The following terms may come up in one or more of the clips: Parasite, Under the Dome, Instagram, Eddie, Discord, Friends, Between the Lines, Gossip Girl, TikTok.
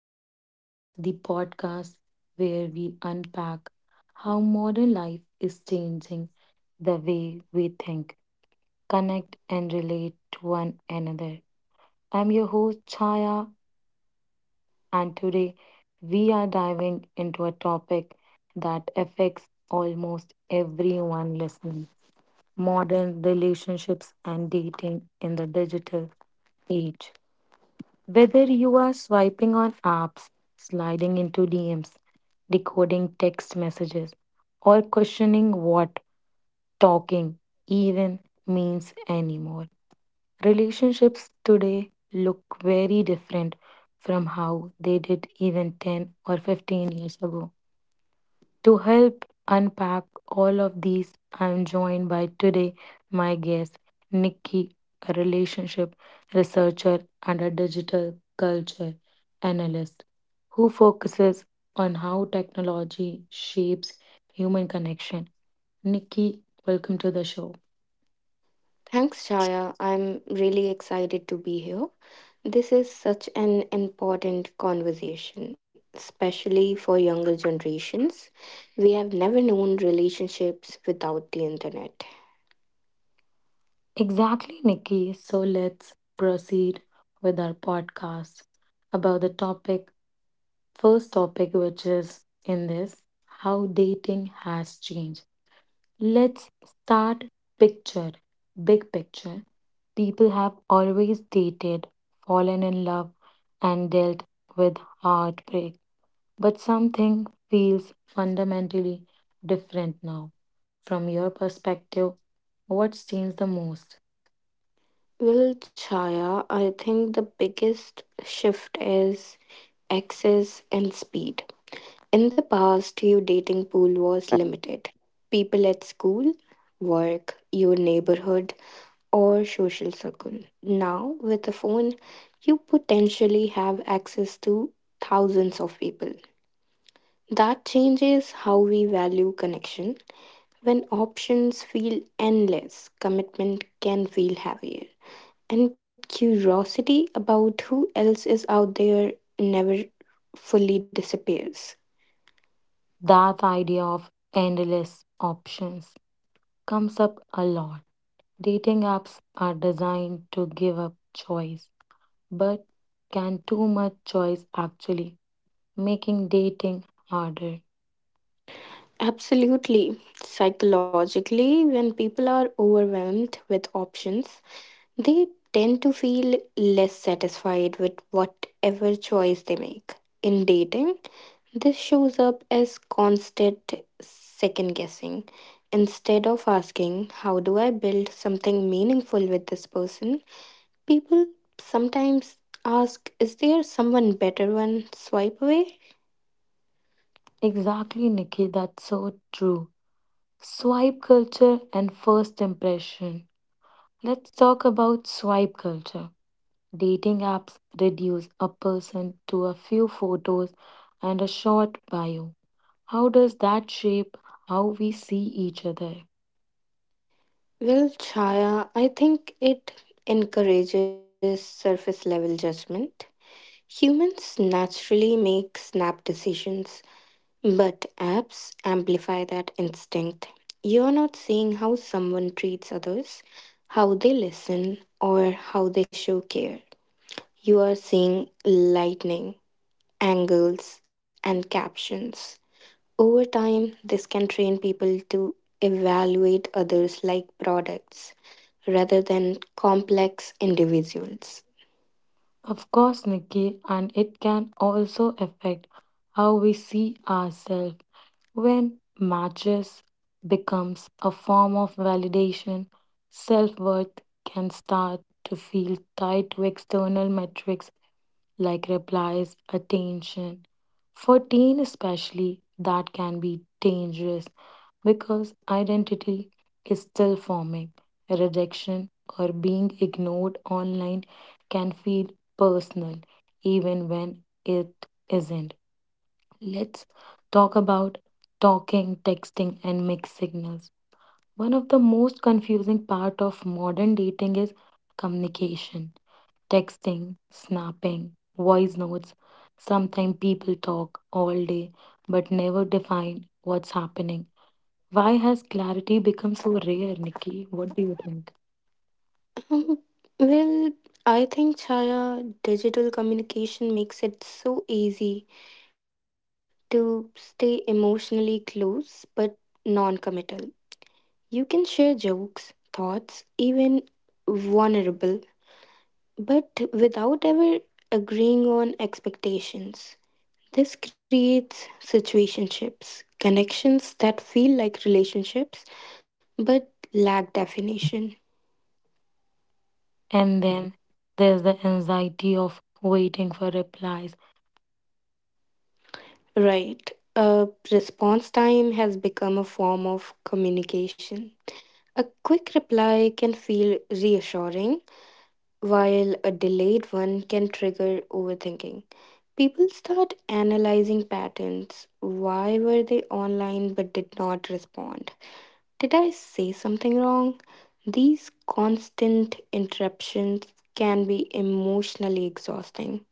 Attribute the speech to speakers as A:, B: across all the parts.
A: the Lines, the podcast where we unpack how modern life is changing the way we think, connect, and relate to one another. I'm your host, Chaya, and today we are diving into a topic that affects almost everyone listening modern relationships and dating in the digital age. Whether you are swiping on apps, sliding into DMs, decoding text messages, or questioning what talking even means anymore, relationships today look very different from how they did even 10 or 15 years ago. To help unpack all of these, I'm joined by today my guest, Nikki, a relationship researcher and a digital culture analyst who focuses on how technology shapes human connection. Nikki, welcome to the show.
B: Thanks, Chaya. I'm really excited to be here. This is such an important conversation, especially for younger generations. We have never known relationships without the internet.
A: Exactly, Nikki. So let's proceed with our podcast about the topic. First topic, which is in this how dating has changed. Let's start picture. Big picture. People have always dated, fallen in love, and dealt with heartbreak. But something feels fundamentally different now. From your perspective, what's changed the most?
B: Well, Chaya, I think the biggest shift is access and speed. In the past, your dating pool was limited. People at school, work, your neighborhood, or social circle. Now, with a phone, you potentially have access to thousands of people. That changes how we value connection. When options feel endless, commitment can feel heavier. And curiosity about who else is out there never fully disappears.
A: That idea of endless options comes up a lot. Dating apps are designed to give up choice, but can too much choice actually making dating harder?
B: Absolutely. Psychologically, when people are overwhelmed with options, they tend to feel less satisfied with whatever choice they make. In dating, this shows up as constant second guessing. Instead of asking, "How do I build something meaningful with this person?" people sometimes ask, "Is there someone better one swipe away?"
A: Exactly, Nikki, that's so true. Swipe culture and first impression. Let's talk about swipe culture. Dating apps reduce a person to a few photos and a short bio. How does that shape how we see each other?
B: Well, Chaya, I think it encourages surface level judgment. Humans naturally make snap decisions, but apps amplify that instinct. You're not seeing how someone treats others, how they listen, or how they show care. You are seeing lightning, angles, and captions. Over time, this can train people to evaluate others like products rather than complex individuals.
A: Of course, Nikki, and it can also affect how we see ourselves. When matches becomes a form of validation, self-worth can start to feel tied to external metrics like replies, attention. For teen especially, that can be dangerous because identity is still forming. Rejection or being ignored online can feel personal even when it isn't. Let's talk about talking, texting, and mixed signals. One of the most confusing part of modern dating is communication. Texting, snapping, voice notes. Sometimes people talk all day but never define what's happening. Why has clarity become so rare, Nikki? What do you think?
B: Um, well, I think, Chaya, digital communication makes it so easy to stay emotionally close but non committal. You can share jokes, thoughts, even vulnerable, but without ever agreeing on expectations. This creates situationships, connections that feel like relationships but lack definition.
A: And then there's the anxiety of waiting for replies.
B: Right. A response time has become a form of communication. A quick reply can feel reassuring while a delayed one can trigger overthinking. People start analyzing patterns. Why were they online but did not respond? Did I say something wrong? These constant interruptions can be emotionally exhausting.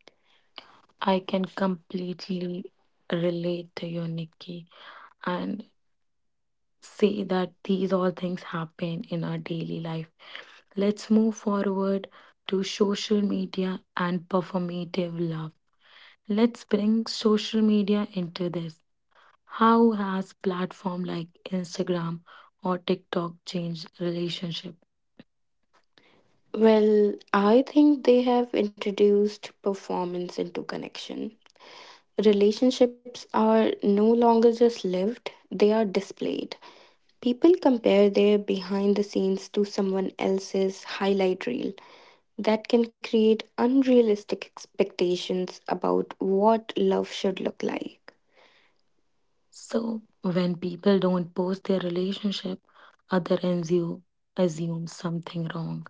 A: I can completely relate to you, Nikki. And say that these all things happen in our daily life. Let's move forward to social media and performative love. Let's bring social media into this. How has platform like Instagram or TikTok changed relationship?
B: Well, I think they have introduced performance into connection. Relationships are no longer just lived, they are displayed. People compare their behind the scenes to someone else's highlight reel. That can create unrealistic expectations about what love should look like.
A: So when people don't post their relationship, other ends you assume something wrong.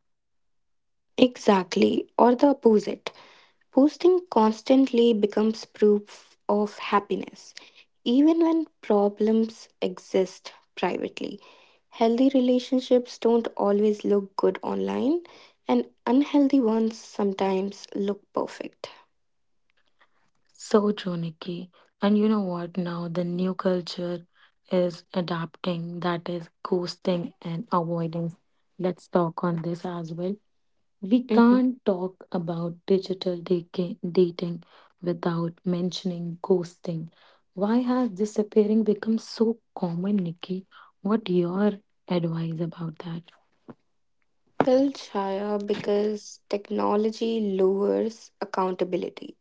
B: Exactly, or the opposite. Posting constantly becomes proof of happiness, even when problems exist privately. Healthy relationships don't always look good online, and unhealthy ones sometimes look perfect.
A: So true, Nikki. And you know what? Now the new culture is adapting, that is ghosting and avoidance. Let's talk on this as well. We
B: Mhm.
A: can't talk about digital dating without mentioning ghosting. Why has disappearing become so common, Nikki? What your advice about that?
B: Well, Chaya, because technology lowers accountability.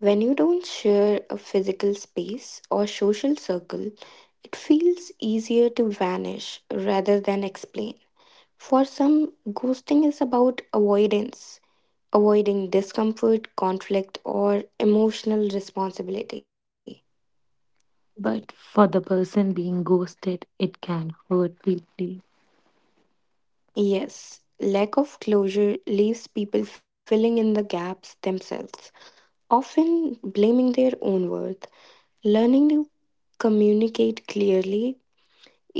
B: When you don't share a physical space or social circle, it feels easier to vanish rather than explain. For some, ghosting is about avoidance, avoiding discomfort, conflict, or emotional responsibility.
A: But for the person being ghosted, it can hurt deeply.
B: Yes, lack of closure leaves people filling in the gaps themselves, often blaming their own worth. Learning to communicate clearly,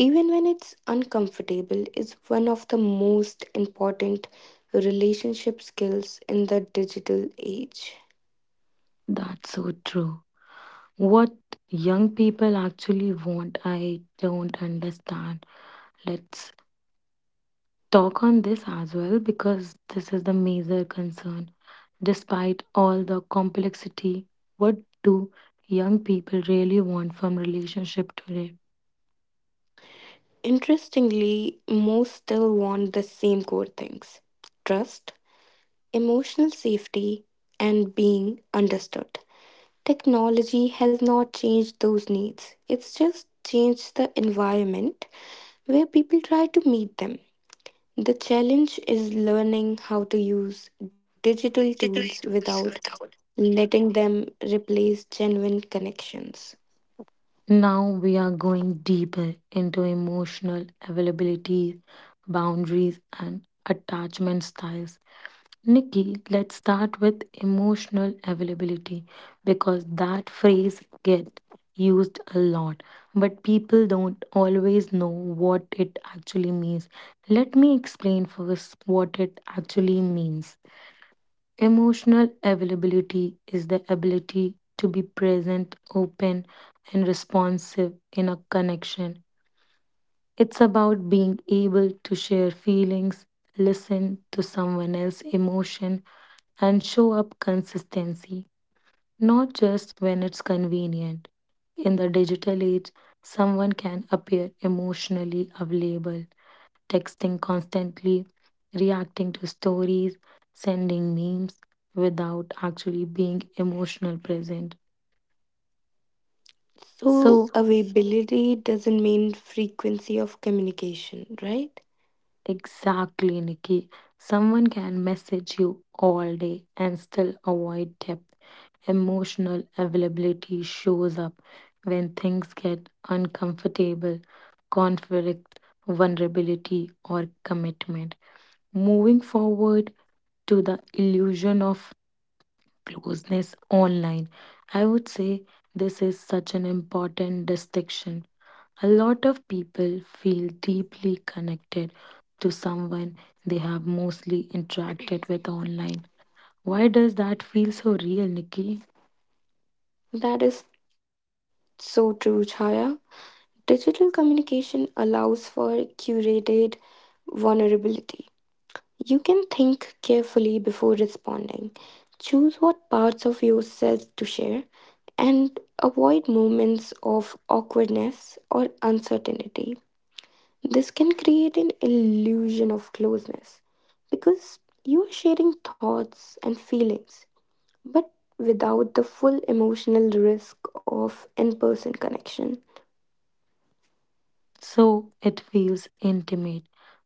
B: even when it's uncomfortable, is one of the most important relationship skills in the digital age.
A: That's so true. What young people actually want, I don't understand. Let's talk on this as well because this is the major concern. Despite all the complexity, what do young people really want from relationship today?
B: Interestingly, most still want the same core things: trust, emotional safety, and being understood. Technology has not changed those needs, it's just changed the environment where people try to meet them. The challenge is learning how to use digital tools without letting them replace genuine connections.
A: Now we are going deeper into emotional availability, boundaries, and attachment styles. Nikki, let's start with emotional availability because that phrase gets used a lot, but people don't always know what it actually means. Let me explain first what it actually means. Emotional availability is the ability to be present, open, and responsive in a connection. It's about being able to share feelings, listen to someone else's emotion, and show up consistency, not just when it's convenient. In the digital age, someone can appear emotionally available, texting constantly, reacting to stories, sending memes without actually being emotional present.
B: So,
A: So,
B: availability doesn't mean frequency of communication, right?
A: Exactly, Nikki. Someone can message you all day and still avoid depth. Emotional availability shows up when things get uncomfortable, conflict, vulnerability, or commitment. Moving forward to the illusion of closeness online, I would say this is such an important distinction. A lot of people feel deeply connected to someone they have mostly interacted with online. Why does that feel so real, Nikki?
B: That is so true, Chaya. Digital communication allows for curated vulnerability. You can think carefully before responding, choose what parts of yourself to share, and avoid moments of awkwardness or uncertainty. This can create an illusion of closeness because you are sharing thoughts and feelings, but without the full emotional risk of in person connection.
A: So it feels intimate,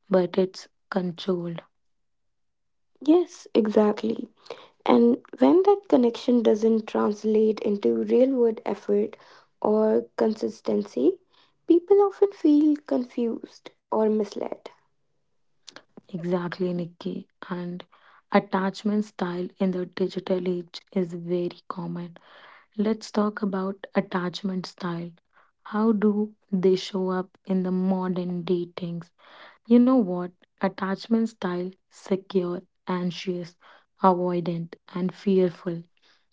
A: but it's controlled.
B: Yes, exactly. And when that connection doesn't translate into real world effort or consistency, people often feel confused or misled.
A: Exactly, Nikki. And attachment style in the digital age is very common. Let's talk about attachment style. How do they show up in the modern dating? You know what? Attachment style, secure, anxious, avoidant, and fearful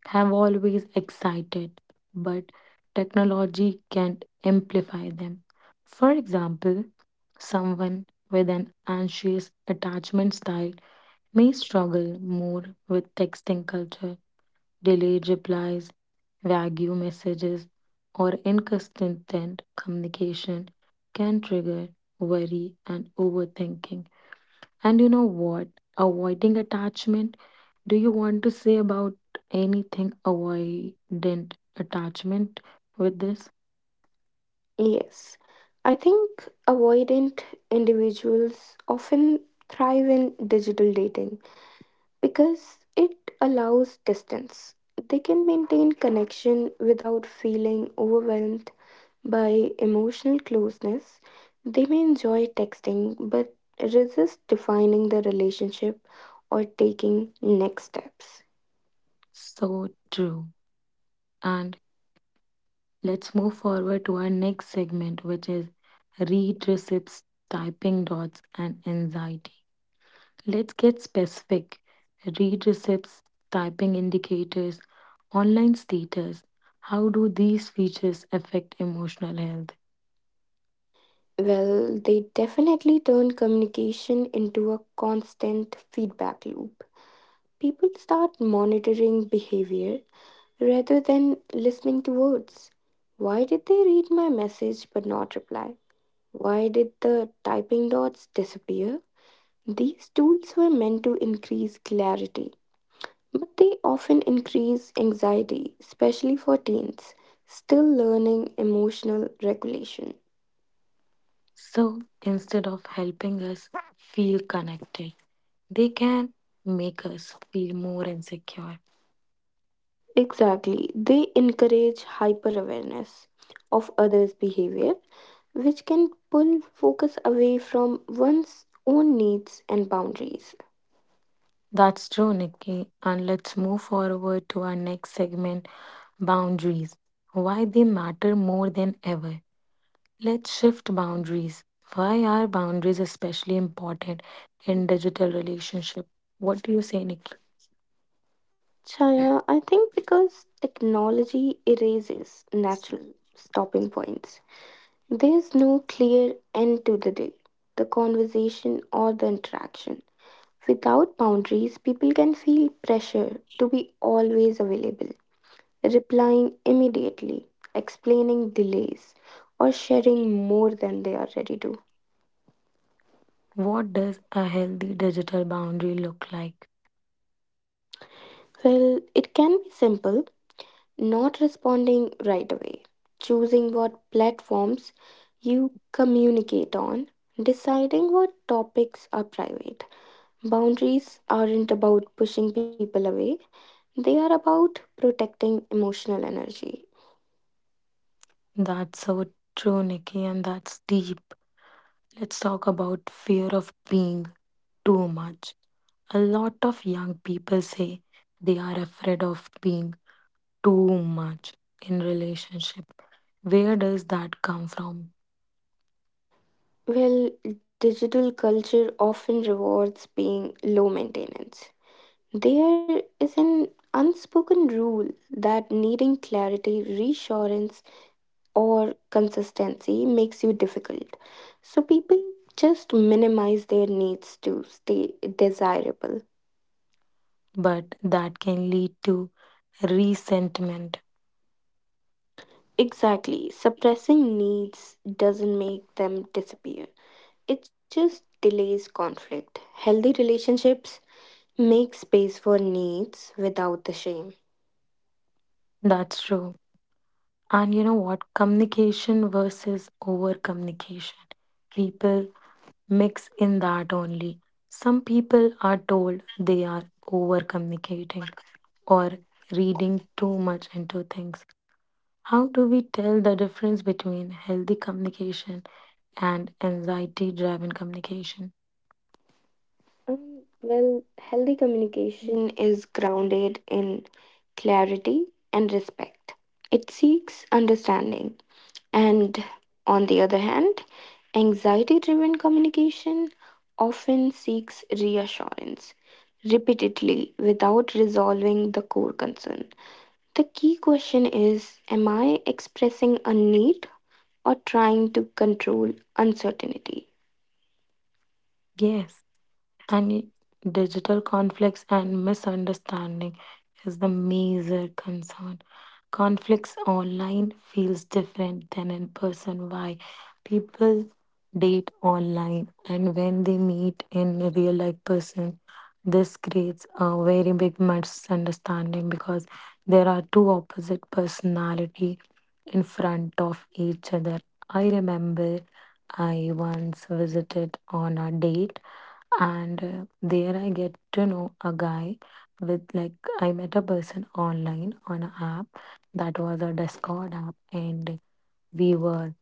A: have always excited, but technology can amplify them. For example, someone with an anxious attachment style may struggle more with texting culture, delayed replies, vague messages, or inconsistent communication can trigger worry and overthinking. And you know what? Avoiding attachment. Do you want to say about anything avoidant attachment with this?
B: Yes, I think avoidant individuals often thrive in digital dating because it allows distance. They can maintain connection without feeling overwhelmed by emotional closeness. They may enjoy texting but resist defining the relationship or taking next steps.
A: So true. And let's move forward to our next segment, which is read receipts, typing dots, and anxiety. Let's get specific. Read receipts, typing indicators, online status. How do these features affect emotional health?
B: Well, they definitely turn communication into a constant feedback loop. People start monitoring behavior rather than listening to words. Why did they read my message but not reply? Why did the typing dots disappear? These tools were meant to increase clarity, but they often increase anxiety, especially for teens still learning emotional regulation.
A: So instead of helping us feel connected, they can make us feel more insecure.
B: Exactly. They encourage hyper awareness of others' behavior, which can pull focus away from one's own needs and boundaries.
A: That's true, Nikki. And let's move forward to our next segment boundaries. Why they matter more than ever. Let's shift boundaries. Why are boundaries especially important in digital relationship? What do you say, Nikki?
B: Chaya, I think because technology erases natural stopping points, there's no clear end to the day, the conversation, or the interaction. Without boundaries, people can feel pressure to be always available, replying immediately, explaining delays, or sharing more than they are ready to.
A: What does a healthy digital boundary look like?
B: Well, it can be simple: not responding right away, choosing what platforms you communicate on, deciding what topics are private. Boundaries aren't about pushing people away, they are about protecting emotional energy.
A: That's so true, Nikki, and that's deep. Let's talk about fear of being too much. A lot of young people say they are afraid of being too much in relationship. Where does that come from?
B: Well, digital culture often rewards being low maintenance. There is an unspoken rule that needing clarity, reassurance, or consistency makes you difficult. So people just minimize their needs to stay desirable.
A: But that can lead to resentment.
B: Exactly, suppressing needs doesn't make them disappear, it just delays conflict. Healthy relationships make space for needs without the shame.
A: That's true. And you know what? Communication versus over communication. People mix in that only. Some people are told they are over communicating or reading too much into things. How do we tell the difference between healthy communication and anxiety driven communication?
B: Healthy communication is grounded in clarity and respect. It seeks understanding. And on the other hand, anxiety driven communication often seeks reassurance repeatedly without resolving the core concern. The key question is, am I expressing a need or trying to control uncertainty?
A: Yes, and digital conflicts and misunderstanding is the major concern. Conflicts online feels different than in person. Why? People date online and when they meet in a real life person, this creates a very big misunderstanding because there are two opposite personality in front of each other. I remember I once visited on a date, and there I get to know a guy with like I met a person online on an app that was a Discord app, and we were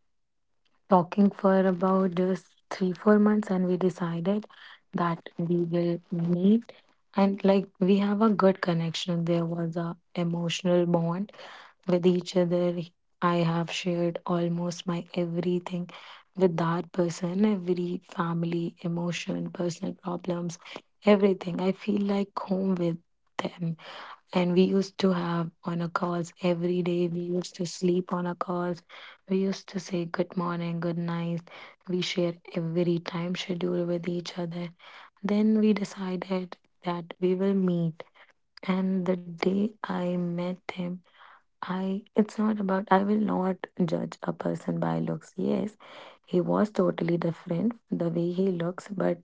A: talking for about just 3-4 months, and we decided that we will meet and like we have a good connection. There was a emotional bond with each other. I have shared almost my everything with that person, every family, emotion, personal problems, everything. I feel like home with them. And we used to have on a calls every day. We used to sleep on a calls. We used to say good morning, good night. We share every time schedule with each other. Then we decided that we will meet. And the day I met him, I it's not about I will not judge a person by looks. Yes, he was totally different the way he looks, but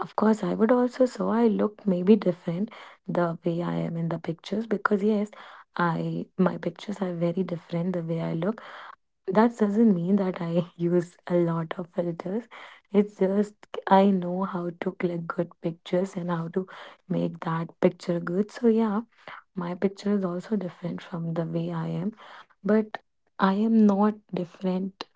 A: of course I would also so I look maybe different the way I am in the pictures because yes, I my pictures are very different the way I look. That doesn't mean that I use a lot of filters. It's just I know how to click good pictures and how to make that picture good. So yeah, my picture is also different from the way I am, but I am not different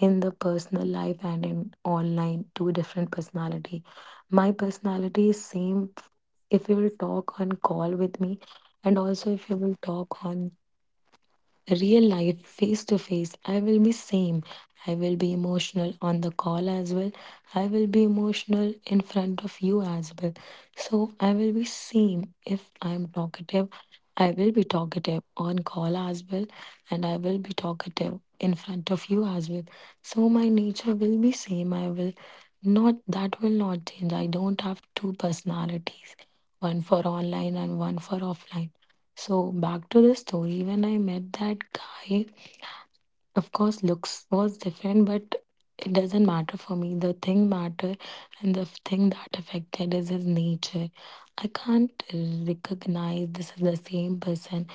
A: in the personal life and in online two different personality. My personality is same if you will talk on call with me and also if you will talk on real life face to face, I will be same. I will be emotional on the call as well, I will be emotional in front of you as well. So I will be same. If I am talkative, I will be talkative on call as well, and I will be talkative in front of you as well. So my nature will be same. I will not, that will not change. I don't have two personalities, one for online and one for offline. So back to the story, when I met that guy, of course looks was different, but it doesn't matter for me. The thing matter and the thing that affected is his nature. I can't recognize this is the same person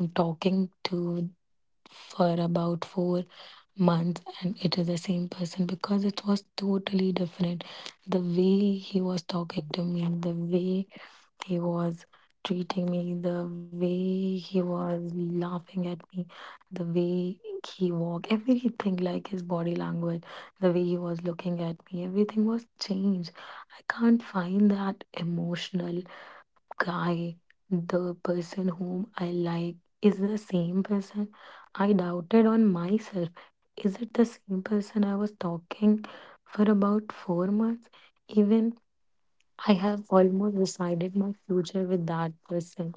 A: I'm talking to for about 4 months and it is the same person because it was totally different. The way he was talking to me, the way he was treating me, the way he was laughing at me, the way he walked, everything like his body language, the way he was looking at me, everything was changed. I can't find that emotional guy, the person whom I like, is the same person. I doubted on myself. Is it the same person I was talking for about 4 months? Even I have almost decided my future with that person.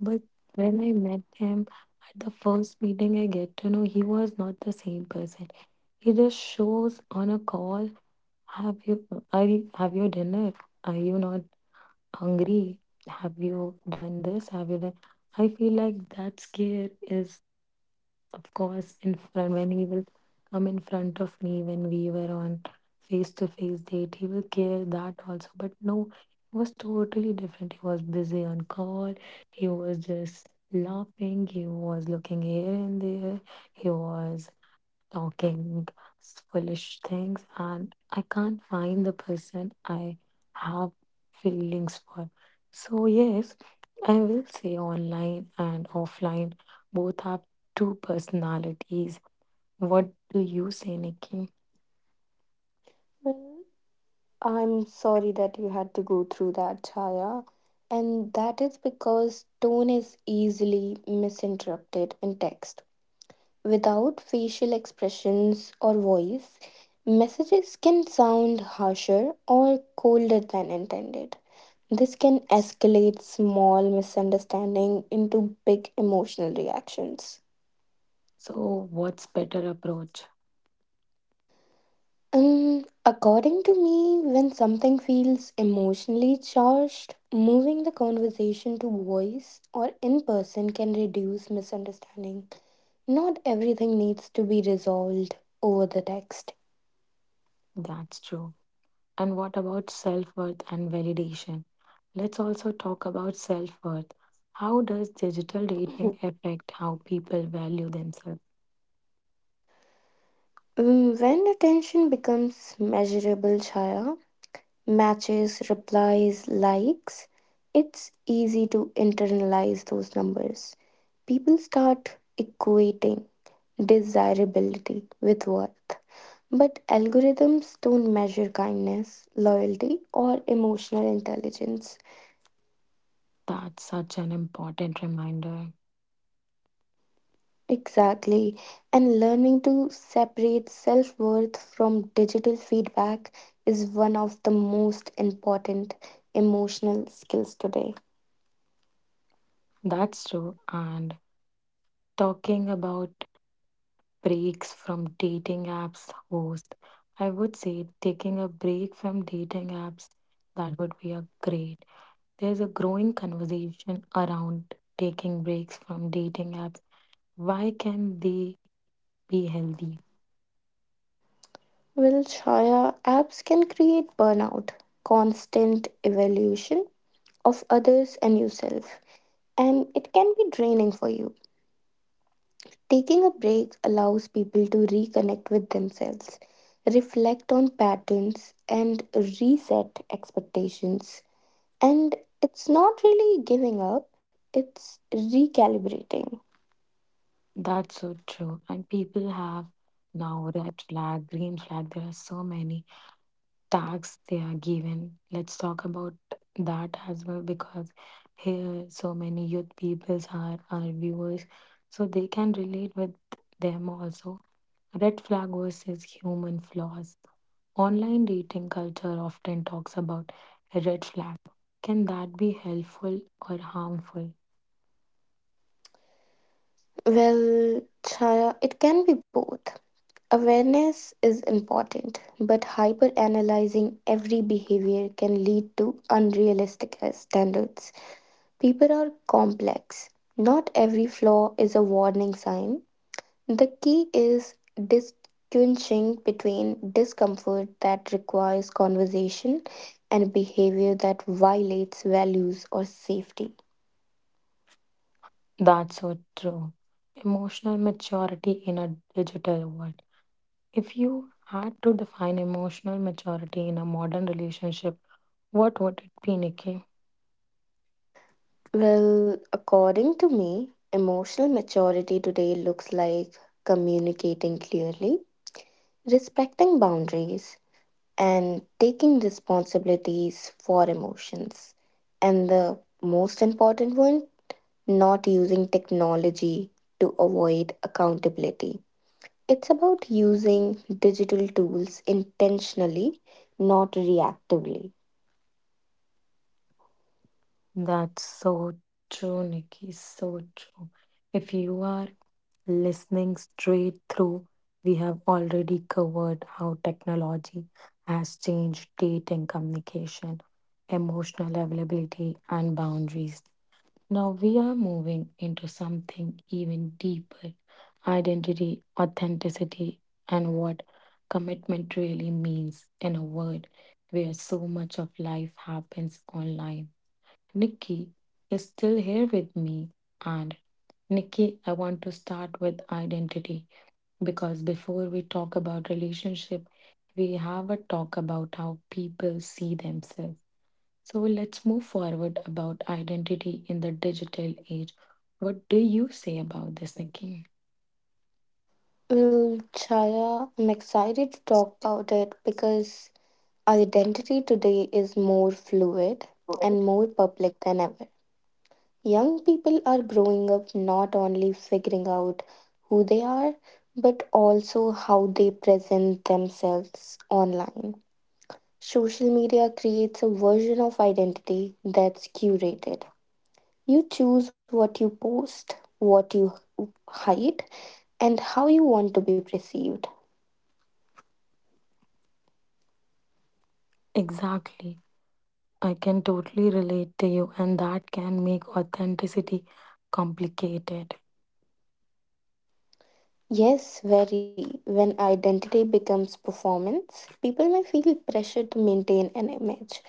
A: But when I met him at the first meeting, I get to know he was not the same person. He just shows on a call, have you have your dinner? Are you not hungry? Have you done this? Have you done? I feel like that scare is, of course, in front when he will come in front of me. When we were on face to face date, he will care that also. But no, it was totally different. He was busy on call. He was just laughing. He was looking here and there. He was talking foolish things and I can't find the person I have feelings for. So, yes, I will say online and offline both have two personalities. What do you say, Nikki?
B: Well, I'm sorry that you had to go through that, Chaya. And that is because tone is easily misinterpreted in text. Without facial expressions or voice, messages can sound harsher or colder than intended. This can escalate small misunderstanding into big emotional reactions.
A: So, what's better approach?
B: According to me, when something feels emotionally charged, moving the conversation to voice or in person can reduce misunderstanding. Not everything needs to be resolved over the text.
A: That's true. And what about self worth and validation? Let's also talk about self worth. How does digital
B: Mhm.
A: dating affect how people value themselves?
B: When attention becomes measurable, Chaya, matches, replies, likes, it's easy to internalize those numbers. People start equating desirability with worth. But algorithms don't measure kindness, loyalty, or emotional intelligence.
A: That's such an important reminder.
B: Exactly. And learning to separate self worth from digital feedback is one of the most important emotional skills today.
A: That's true. And talking about breaks from dating apps host, I would say taking a break from dating apps, that would be a great. There's a growing conversation around taking breaks from dating apps. Why can they be healthy?
B: Well, Shaya, apps can create burnout, constant evaluation of others and yourself, and it can be draining for you. Taking a break allows people to reconnect with themselves, reflect on patterns, and reset expectations. And it's not really giving up, it's recalibrating.
A: That's so true. And people have now red flag, green flag, there are so many tasks they are given. Let's talk about that as well because here so many youth peoples are our viewers, so they can relate with them also. Red flag versus human flaws. Online dating culture often talks about red flag. Can that be helpful or harmful?
B: Well, Chaya, it can be both. Awareness is important, but hyper analyzing every behavior can lead to unrealistic standards. People are complex. Not every flaw is a warning sign. The key is distinguishing between discomfort that requires conversation and behavior that violates values or safety.
A: That's so true. Emotional maturity in a digital world. If you had to define emotional maturity in a modern relationship, what would it be, Nikki?
B: Well, according to me, emotional maturity today looks like communicating clearly, respecting boundaries, and taking responsibilities for emotions. And the most important one, not using technology to avoid accountability. It's about using digital tools intentionally, not reactively.
A: That's so true, Nikki. So true. If you are listening straight through, we have already covered how technology has changed dating, communication, emotional availability, and boundaries. Now we are moving into something even deeper: identity, authenticity, and what commitment really means in a world where so much of life happens online. Nikki is still here with me. And Nikki, I want to start with identity because before we talk about relationship, we have a talk about how people see themselves. So let's move forward about identity in the digital age. What do you say about this, Nikki?
B: Well, Chaya, I'm excited to talk about it because identity today is more fluid and more public than ever. Young people are growing up not only figuring out who they are, but also how they present themselves online. Social media creates a version of identity that's curated. You choose what you post, what you hide, and how you want to be perceived.
A: Exactly. I can totally relate to you, and that can make authenticity complicated.
B: Yes, very. When identity becomes performance, people may feel pressure to maintain an image.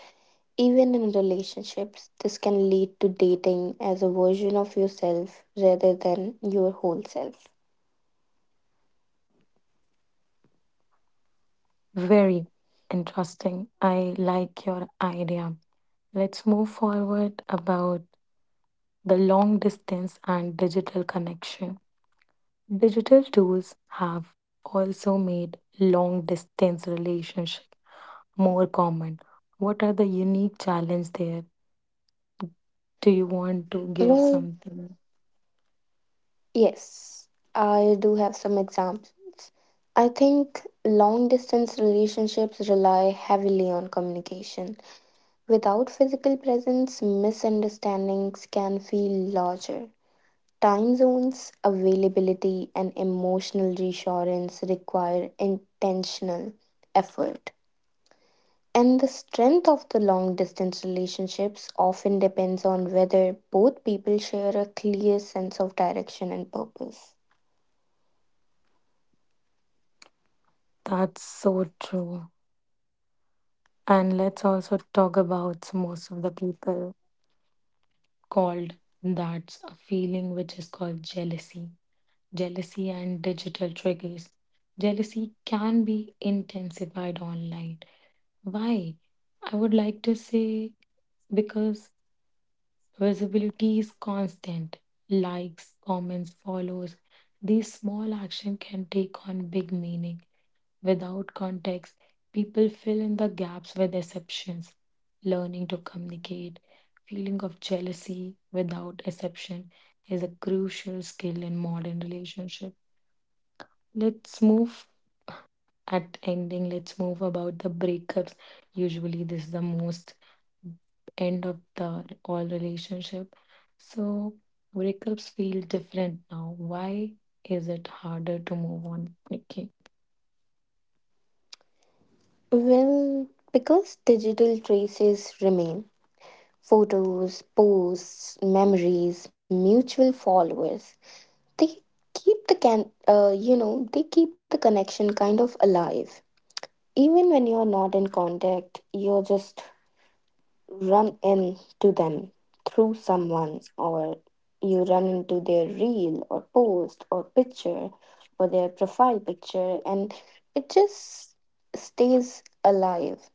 B: Even in relationships, this can lead to dating as a version of yourself rather than your whole self.
A: Very interesting. I like your idea. Let's move forward about the long distance and digital connection. Digital tools have also made long distance relationship more common. What are the unique challenge there? Do you want to give
B: Well,
A: something?
B: yes, I do have some examples. I think long distance relationships rely heavily on communication. Without physical presence, misunderstandings can feel larger. Time zones, availability, and emotional reassurance require intentional effort. And the strength of the long distance relationships often depends on whether both people share a clear sense of direction and purpose.
A: That's so true. And let's also talk about most of the people called, that's a feeling which is called jealousy. Jealousy, and digital triggers. Jealousy can be intensified online. Why? I would like to say because visibility is constant. Likes, comments, follows. These small action can take on big meaning. Without context, people fill in the gaps with exceptions. Learning to communicate, feeling of jealousy without exception is a crucial skill in modern relationship. Let's move at ending, let's move about the breakups. Usually this is the most end of the all relationship. So breakups feel different now. Why is it harder to move on, Nikki?
B: Well, because digital traces remain, photos, posts, memories, mutual followers, they keep the can you know, they keep the connection kind of alive even when you're not in contact. You're just run into them through someone, or you run into their reel or post or picture or their profile picture, and it just stays alive.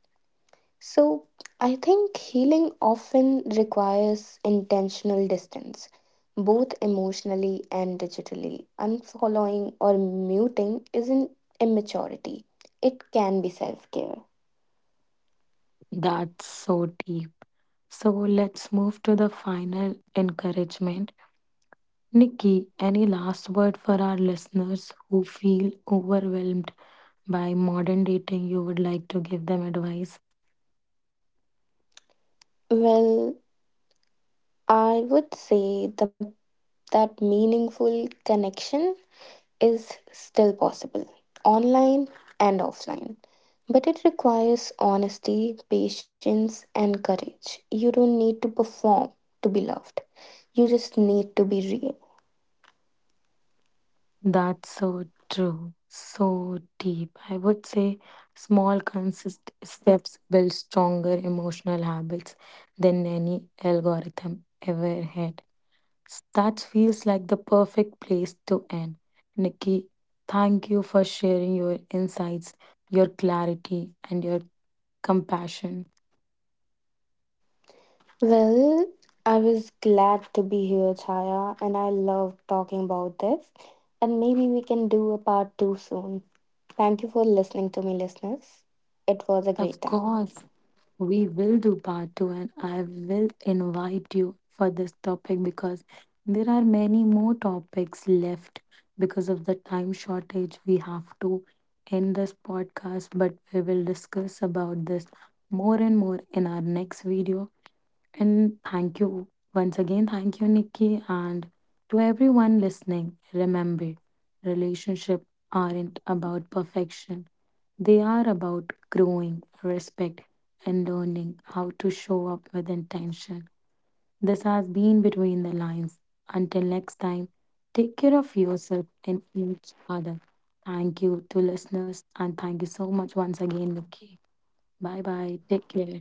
B: So, I think healing often requires intentional distance, both emotionally and digitally. Unfollowing or muting isn't immaturity, it can be self care.
A: That's so deep. So let's move to the final encouragement. Nikki, any last word for our listeners who feel overwhelmed by modern dating? You would like to give them advice.
B: Well, I would say that meaningful connection is still possible, online and offline. But it requires honesty, patience, and courage. You don't need to perform to be loved, you just need to be real.
A: That's so true, so deep. I would say small, consistent steps build stronger emotional habits than any algorithm ever had. That feels like the perfect place to end. Nikki, thank you for sharing your insights, your clarity, and your compassion.
B: Well, I was glad to be here, Chaya, and I love talking about this. And maybe we can do a part two soon. Thank you for listening to me, listeners. It was a great
A: Of
B: time.
A: course. We will do part two, and I will invite you for this topic because there are many more topics left because of the time shortage. We have to end this podcast, but we will discuss about this more and more in our next video. And thank you once again. Thank you, Nikki. And to everyone listening, remember, relationships aren't about perfection, they are about growing, respect, and learning how to show up with intention. This has been Between the Lines. Until next time, take care of yourself and each other. Thank you to listeners, and thank you so much once again, Nikki. Bye bye. Take care.